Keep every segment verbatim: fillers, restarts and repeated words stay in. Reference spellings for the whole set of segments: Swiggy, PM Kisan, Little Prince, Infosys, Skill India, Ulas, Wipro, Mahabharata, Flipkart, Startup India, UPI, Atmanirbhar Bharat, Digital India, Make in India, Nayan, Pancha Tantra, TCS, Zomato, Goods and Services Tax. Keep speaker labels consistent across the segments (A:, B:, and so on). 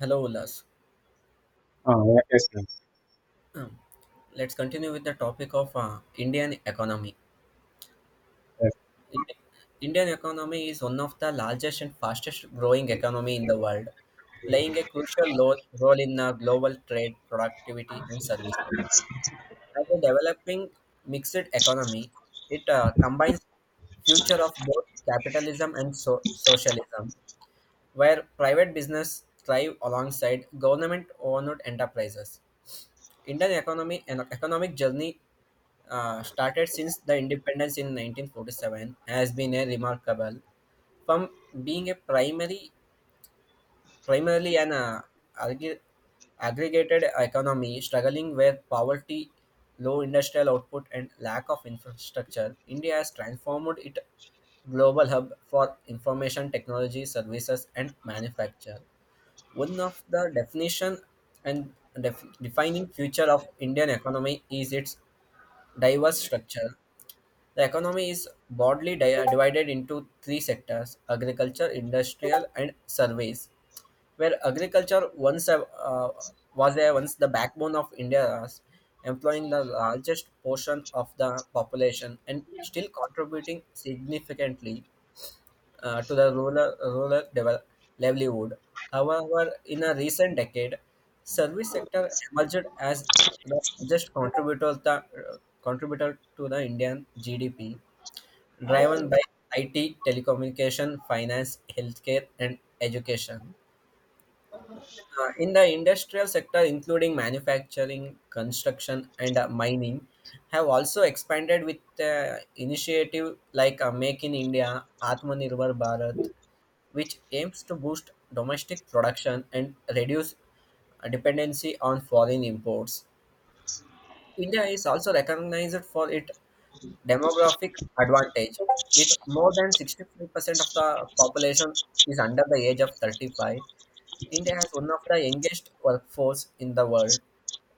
A: Hello, Ulas.
B: Oh, yes, yes.
A: Um, Let's continue with the topic of uh, Indian economy.
B: yes.
A: Ind- Indian economy is one of the largest and fastest growing economy in the world, playing a crucial lo- role in uh, global trade, productivity, and services. As a developing mixed economy, it uh, combines future of both capitalism and so- socialism, where private business thrive alongside government-owned enterprises. Indian economy and economic journey uh, started since the independence in nineteen forty-seven has been a remarkable from being a primary primarily an uh, agg- aggregated economy struggling with poverty, low industrial output, and lack of infrastructure. India has transformed it global hub for information technology services and manufacture, one of the definition and def- defining future of Indian economy is its diverse structure. The economy is broadly di- divided into three sectors: agriculture, industrial, and service. Where agriculture once a- uh, was a, once the backbone of India's, employing the largest portion of the population and still contributing significantly uh, to the rural, rural devel- livelihood. However, in a recent decade, service sector emerged as the largest contributor, the, contributor to the Indian G D P, driven by I T, telecommunication, finance, healthcare, and education. Uh, in the industrial sector, including manufacturing, construction, and uh, mining, have also expanded with uh, initiative like uh, Make in India, Atmanirbhar Bharat, which aims to boost domestic production and reduce dependency on foreign imports. India is also recognized for its demographic advantage, with more than sixty-five percent of the population is under the age of thirty-five. India has one of the youngest workforce in the world.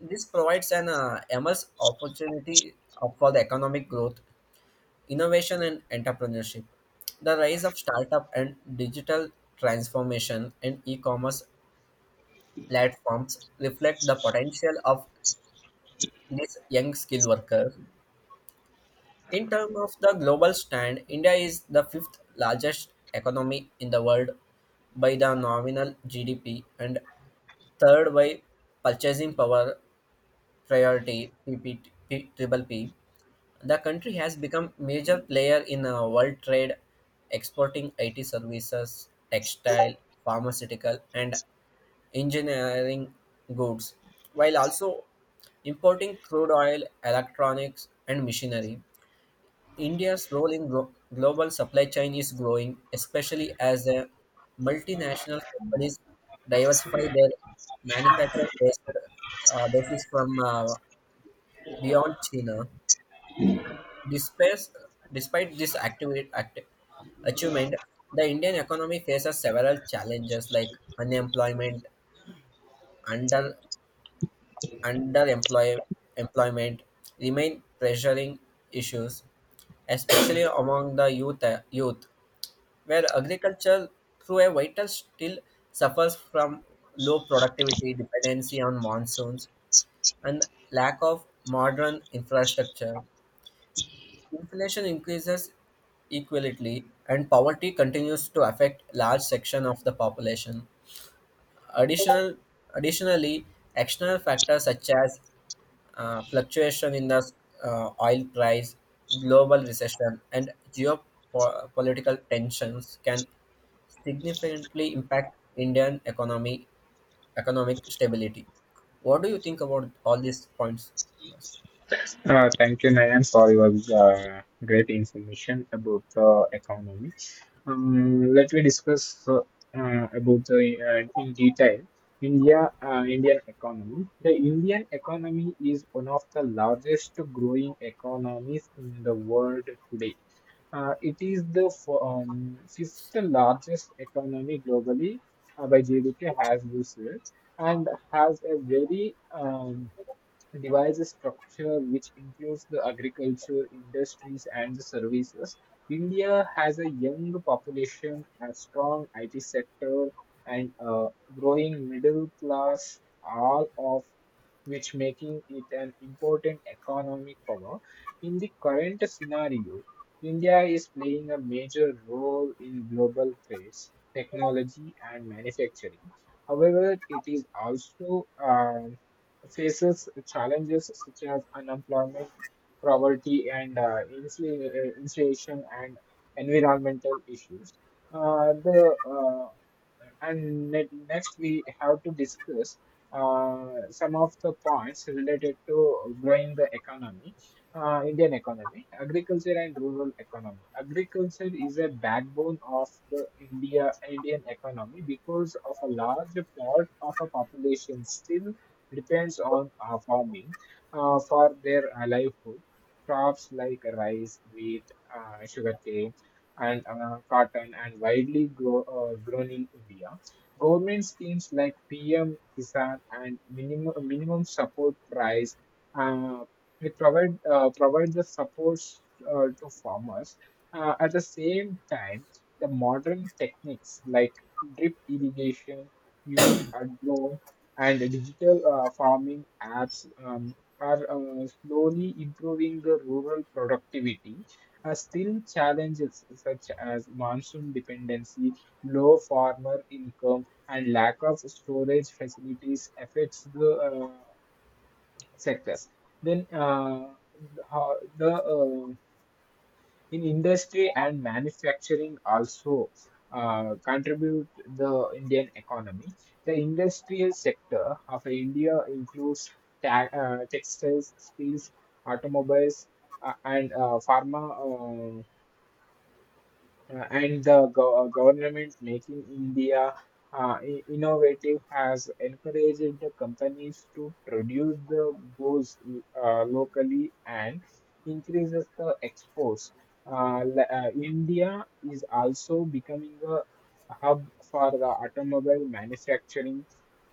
A: This provides an uh, immense opportunity uh, for the economic growth, innovation, and entrepreneurship. The rise of startup and digital transformation and e-commerce platforms reflect the potential of these young skilled workers. In terms of the global stand, India is the fifth largest economy in the world by the nominal G D P and third by purchasing power priority P P T, P, P, triple P. The country has become major player in uh, world trade, exporting I T services, textile, pharmaceutical, and engineering goods, while also importing crude oil, electronics, and machinery. India's role in glo- global supply chain is growing, especially as the multinational companies diversify their manufacturing based, uh, basis from uh, beyond China. Despite, despite this activate, act, achievement, the Indian economy faces several challenges like unemployment, under underemploy, employment, remain pressuring issues, especially among the youth, youth, where agriculture through a vital still suffers from low productivity, dependency on monsoons, and lack of modern infrastructure. Inflation increases equally, and poverty continues to affect large section of the population. Additional, additionally, external factors such as uh, fluctuation in the uh, oil price, global recession, and geopolitical tensions can significantly impact Indian economy economic stability. What do you think about all these points?
B: Uh, thank you, Nayan, for your uh, great information about the economy. Um, let me discuss uh, uh, about the uh, in detail. India, uh, Indian economy. The Indian economy is one of the largest growing economies in the world today. Uh, it is the fo- um, fifth largest economy globally uh, by G D P as used, and has a very um, devise a structure which includes the agriculture, industries, and the services. India has a young population, a strong I T sector, and a growing middle class, all of which making it an important economic power. In the current scenario, India is playing a major role in global trade, technology, and manufacturing. However, it is also uh, faces challenges such as unemployment, poverty, and uh, insula- uh, insulation, and environmental issues. Uh, the uh, and ne- Next we have to discuss uh, some of the points related to growing the economy. Uh, indian economy, agriculture, and rural economy. Agriculture is a backbone of the india Indian economy because of a large part of a population still depends on uh, farming uh, for their livelihood. Crops like rice, wheat, uh, sugarcane, and uh, cotton and widely grow, uh, grown in India. Government schemes like P M Kisan and minimum minimum support price, uh, they provide uh, provide the supports uh, to farmers. Uh, at the same time, the modern techniques like drip irrigation, used agro, and digital uh, farming apps um, are uh, slowly improving the rural productivity. Are still challenges such as monsoon dependency, low farmer income, and lack of storage facilities affects the uh, sectors. Then uh, how- the uh, In industry and manufacturing also uh, contribute the Indian economy. The industrial sector of India includes ta- uh, textiles, steels, automobiles, uh, and uh, pharma, uh, uh, and the go- uh, government making India uh, i- innovative has encouraged the companies to produce the goods uh, locally and increases the exports. Uh, le- uh, India is also becoming a hub for the automobile manufacturing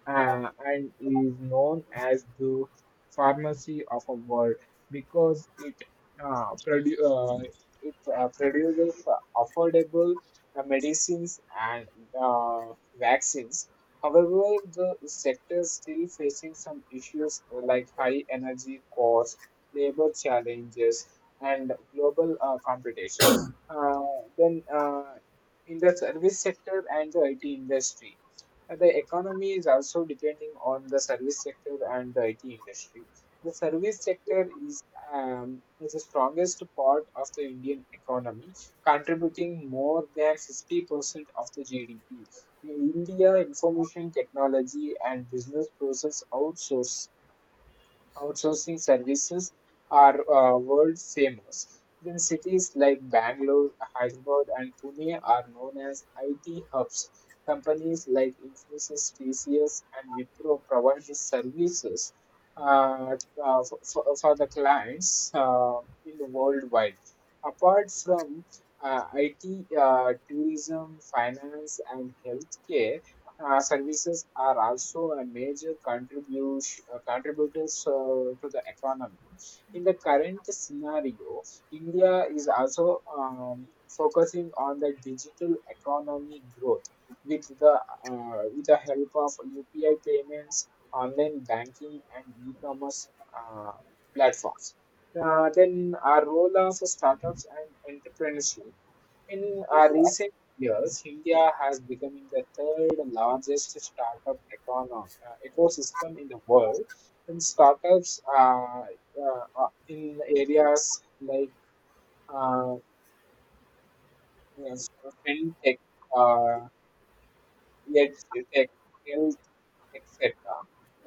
B: uh, and is known as the pharmacy of a world because it uh, produ- uh, it uh, produces affordable uh, medicines and uh, vaccines. However, the sector is still facing some issues like high energy costs, labor challenges, and global uh, competition. Uh, then, uh, in the service sector and the I T industry uh, The economy is also depending on the service sector and the I T industry. The service sector is, um, is the strongest part of the Indian economy, contributing more than fifty percent of the G D P. In India, information technology and business process outsourcing. Outsourcing services are uh, world famous. Then cities like Bangalore, Hyderabad, and Pune are known as I T hubs. Companies like Infosys, T C S, and Wipro provide these services uh, uh, for, for for the clients uh, in the worldwide. Apart from uh, I T, uh, tourism, finance, and healthcare, uh, services are also a major contribution uh, contributors uh, to the economy. In the current scenario, India is also um, focusing on the digital economy growth with the uh, with the help of U P I payments, online banking, and e-commerce uh, platforms. Uh, then our role of startups and entrepreneurship. In our recent years, India has becoming the third largest startup econo- uh, ecosystem in the world. And startups uh, uh, uh, in areas like uh, uh, fintech, uh, edge tech, et cetera.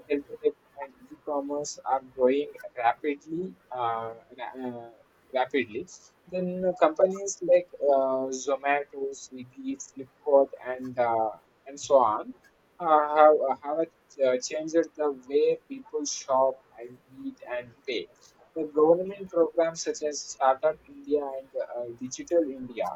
B: Health tech and e-commerce are growing rapidly, uh, ra- uh, rapidly. Then companies like uh, Zomato, Swiggy, Flipkart, and uh, and so on uh, have have uh, changed the way people shop and eat and pay. The government programs such as Startup India and uh, Digital India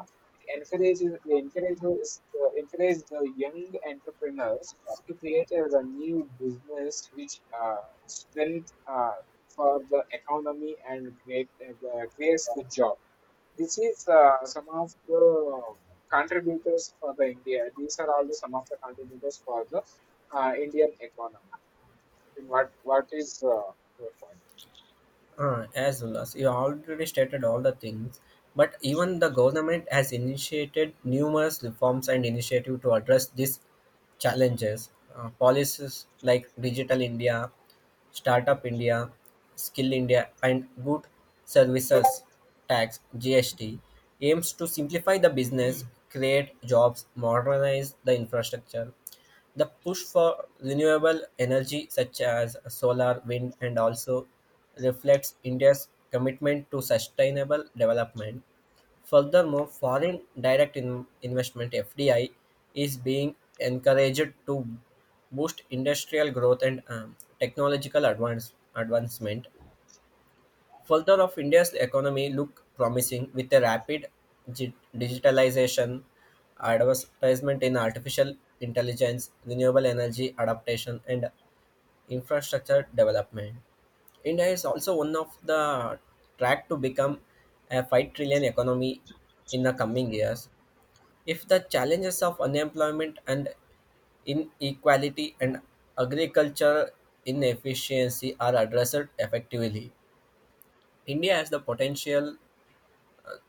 B: encourages encourages uh, encourage the young entrepreneurs to create as a new business which uh, strength uh, for the economy and create uh, creates the job. This is uh, some of the contributors for the India. These are all the, some of the contributors for the uh, Indian economy. And what what is uh, your point?
A: Uh, as well as you already stated all the things, but even the government has initiated numerous reforms and initiative to address these challenges. Uh, policies like Digital India, Startup India, Skill India, and Good Services Tax (G S T) aims to simplify the business, create jobs, modernize the infrastructure, the push for renewable energy such as solar, wind and also reflects India's commitment to sustainable development. Furthermore, foreign direct in- investment (F D I) is being encouraged to boost industrial growth and um, technological advance- advancement. Further of India's economy look promising with a rapid gi- digitalization, advertisement in artificial intelligence, renewable energy adaptation, and infrastructure development. India is also one of the track to become a five trillion economy in the coming years. If the challenges of unemployment and inequality and agriculture inefficiency are addressed effectively, India has the potential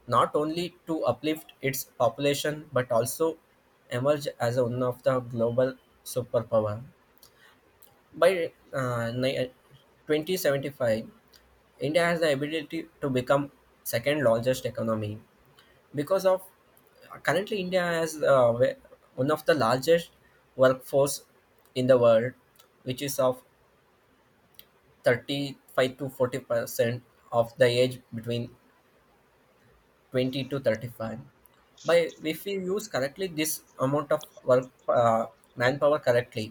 A: not only to uplift its population but also emerge as one of the global superpower. By uh, ni- twenty seventy-five, India has the ability to become second largest economy because of currently India has uh, we- one of the largest workforce in the world, which is of thirty-five to forty percent of the age between twenty to thirty-five. By if we use correctly this amount of work, uh, manpower correctly,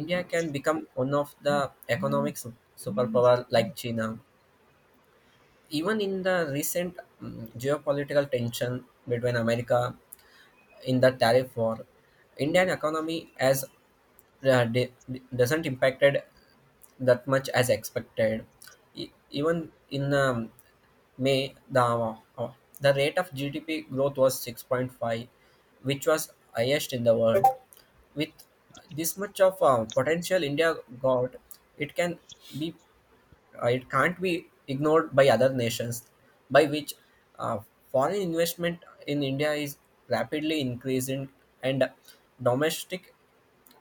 A: India can become one of the economic su- superpower like China. Even in the recent mm, geopolitical tension between America in the tariff war, Indian economy has uh, di- di- doesn't impacted that much as expected. E- even in um, May, the uh, uh, the rate of G D P growth was six point five, which was highest in the world. With this much of uh, potential India got, it can be uh, it can't be ignored by other nations, by which uh, foreign investment in India is rapidly increasing, and domestic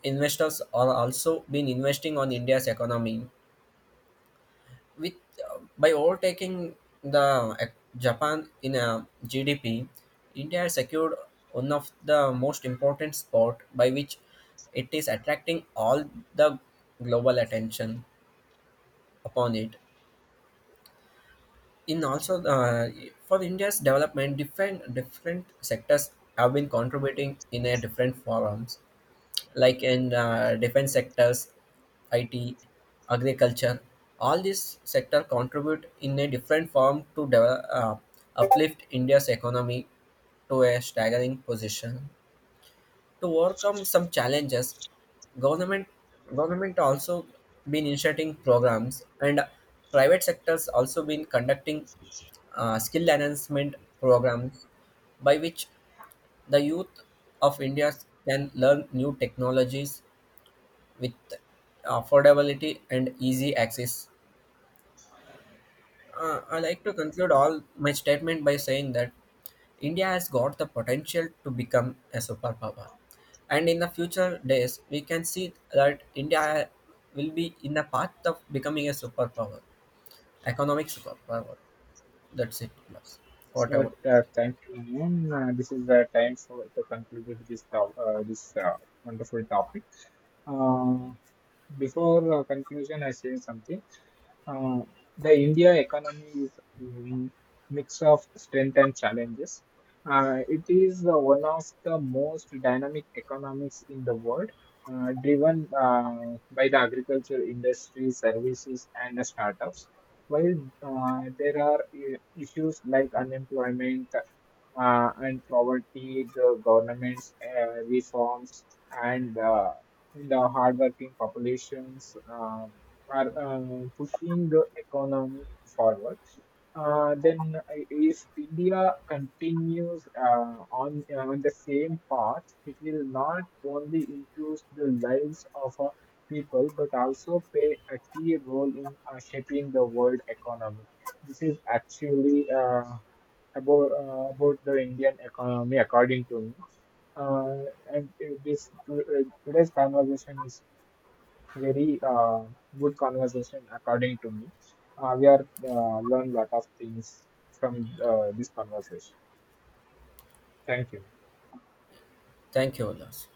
A: investors are also been investing on India's economy, with uh, by overtaking the uh, Japan in a G D P. India has secured one of the most important spot by which it is attracting all the global attention upon it. In also uh, for India's development, different different sectors have been contributing in a different forums, like in uh, defense sectors, I T, agriculture. All these sector contribute in a different form to develop, uh, uplift India's economy to a staggering position. To overcome some challenges, government government also been initiating programs and private sectors also been conducting uh, skill enhancement programs by which the youth of India can learn new technologies with affordability and easy access. Uh, I like to conclude all my statement by saying that India has got the potential to become a superpower, and in the future days we can see that India will be in the path of becoming a superpower, economic superpower. That's it, Ulas.
B: So
A: Whatever.
B: uh, thank you, Nayan. Uh, this is the time for to conclude with this top, uh, this uh, wonderful topic. Uh, before uh, conclusion, I say something. Uh, the India economy is a mix of strength and challenges. Uh, it is uh, one of the most dynamic economies in the world, uh, driven uh, by the agriculture industry, services, and the startups. While uh, there are i- issues like unemployment uh, and poverty, the government's uh, reforms, and uh, the hardworking populations. Um, are um, pushing the economy forward. Uh, then uh, If India continues uh, on uh, on the same path, it will not only improve the lives of uh, people but also play a key role in uh, shaping the world economy. This is actually uh, about uh, about the Indian economy, according to me. Uh, and uh, this to- uh, Today's conversation is very uh, good conversation according to me. Uh, we are uh, learn lot of things from uh, this conversation. Thank you.
A: Thank you, Ulas.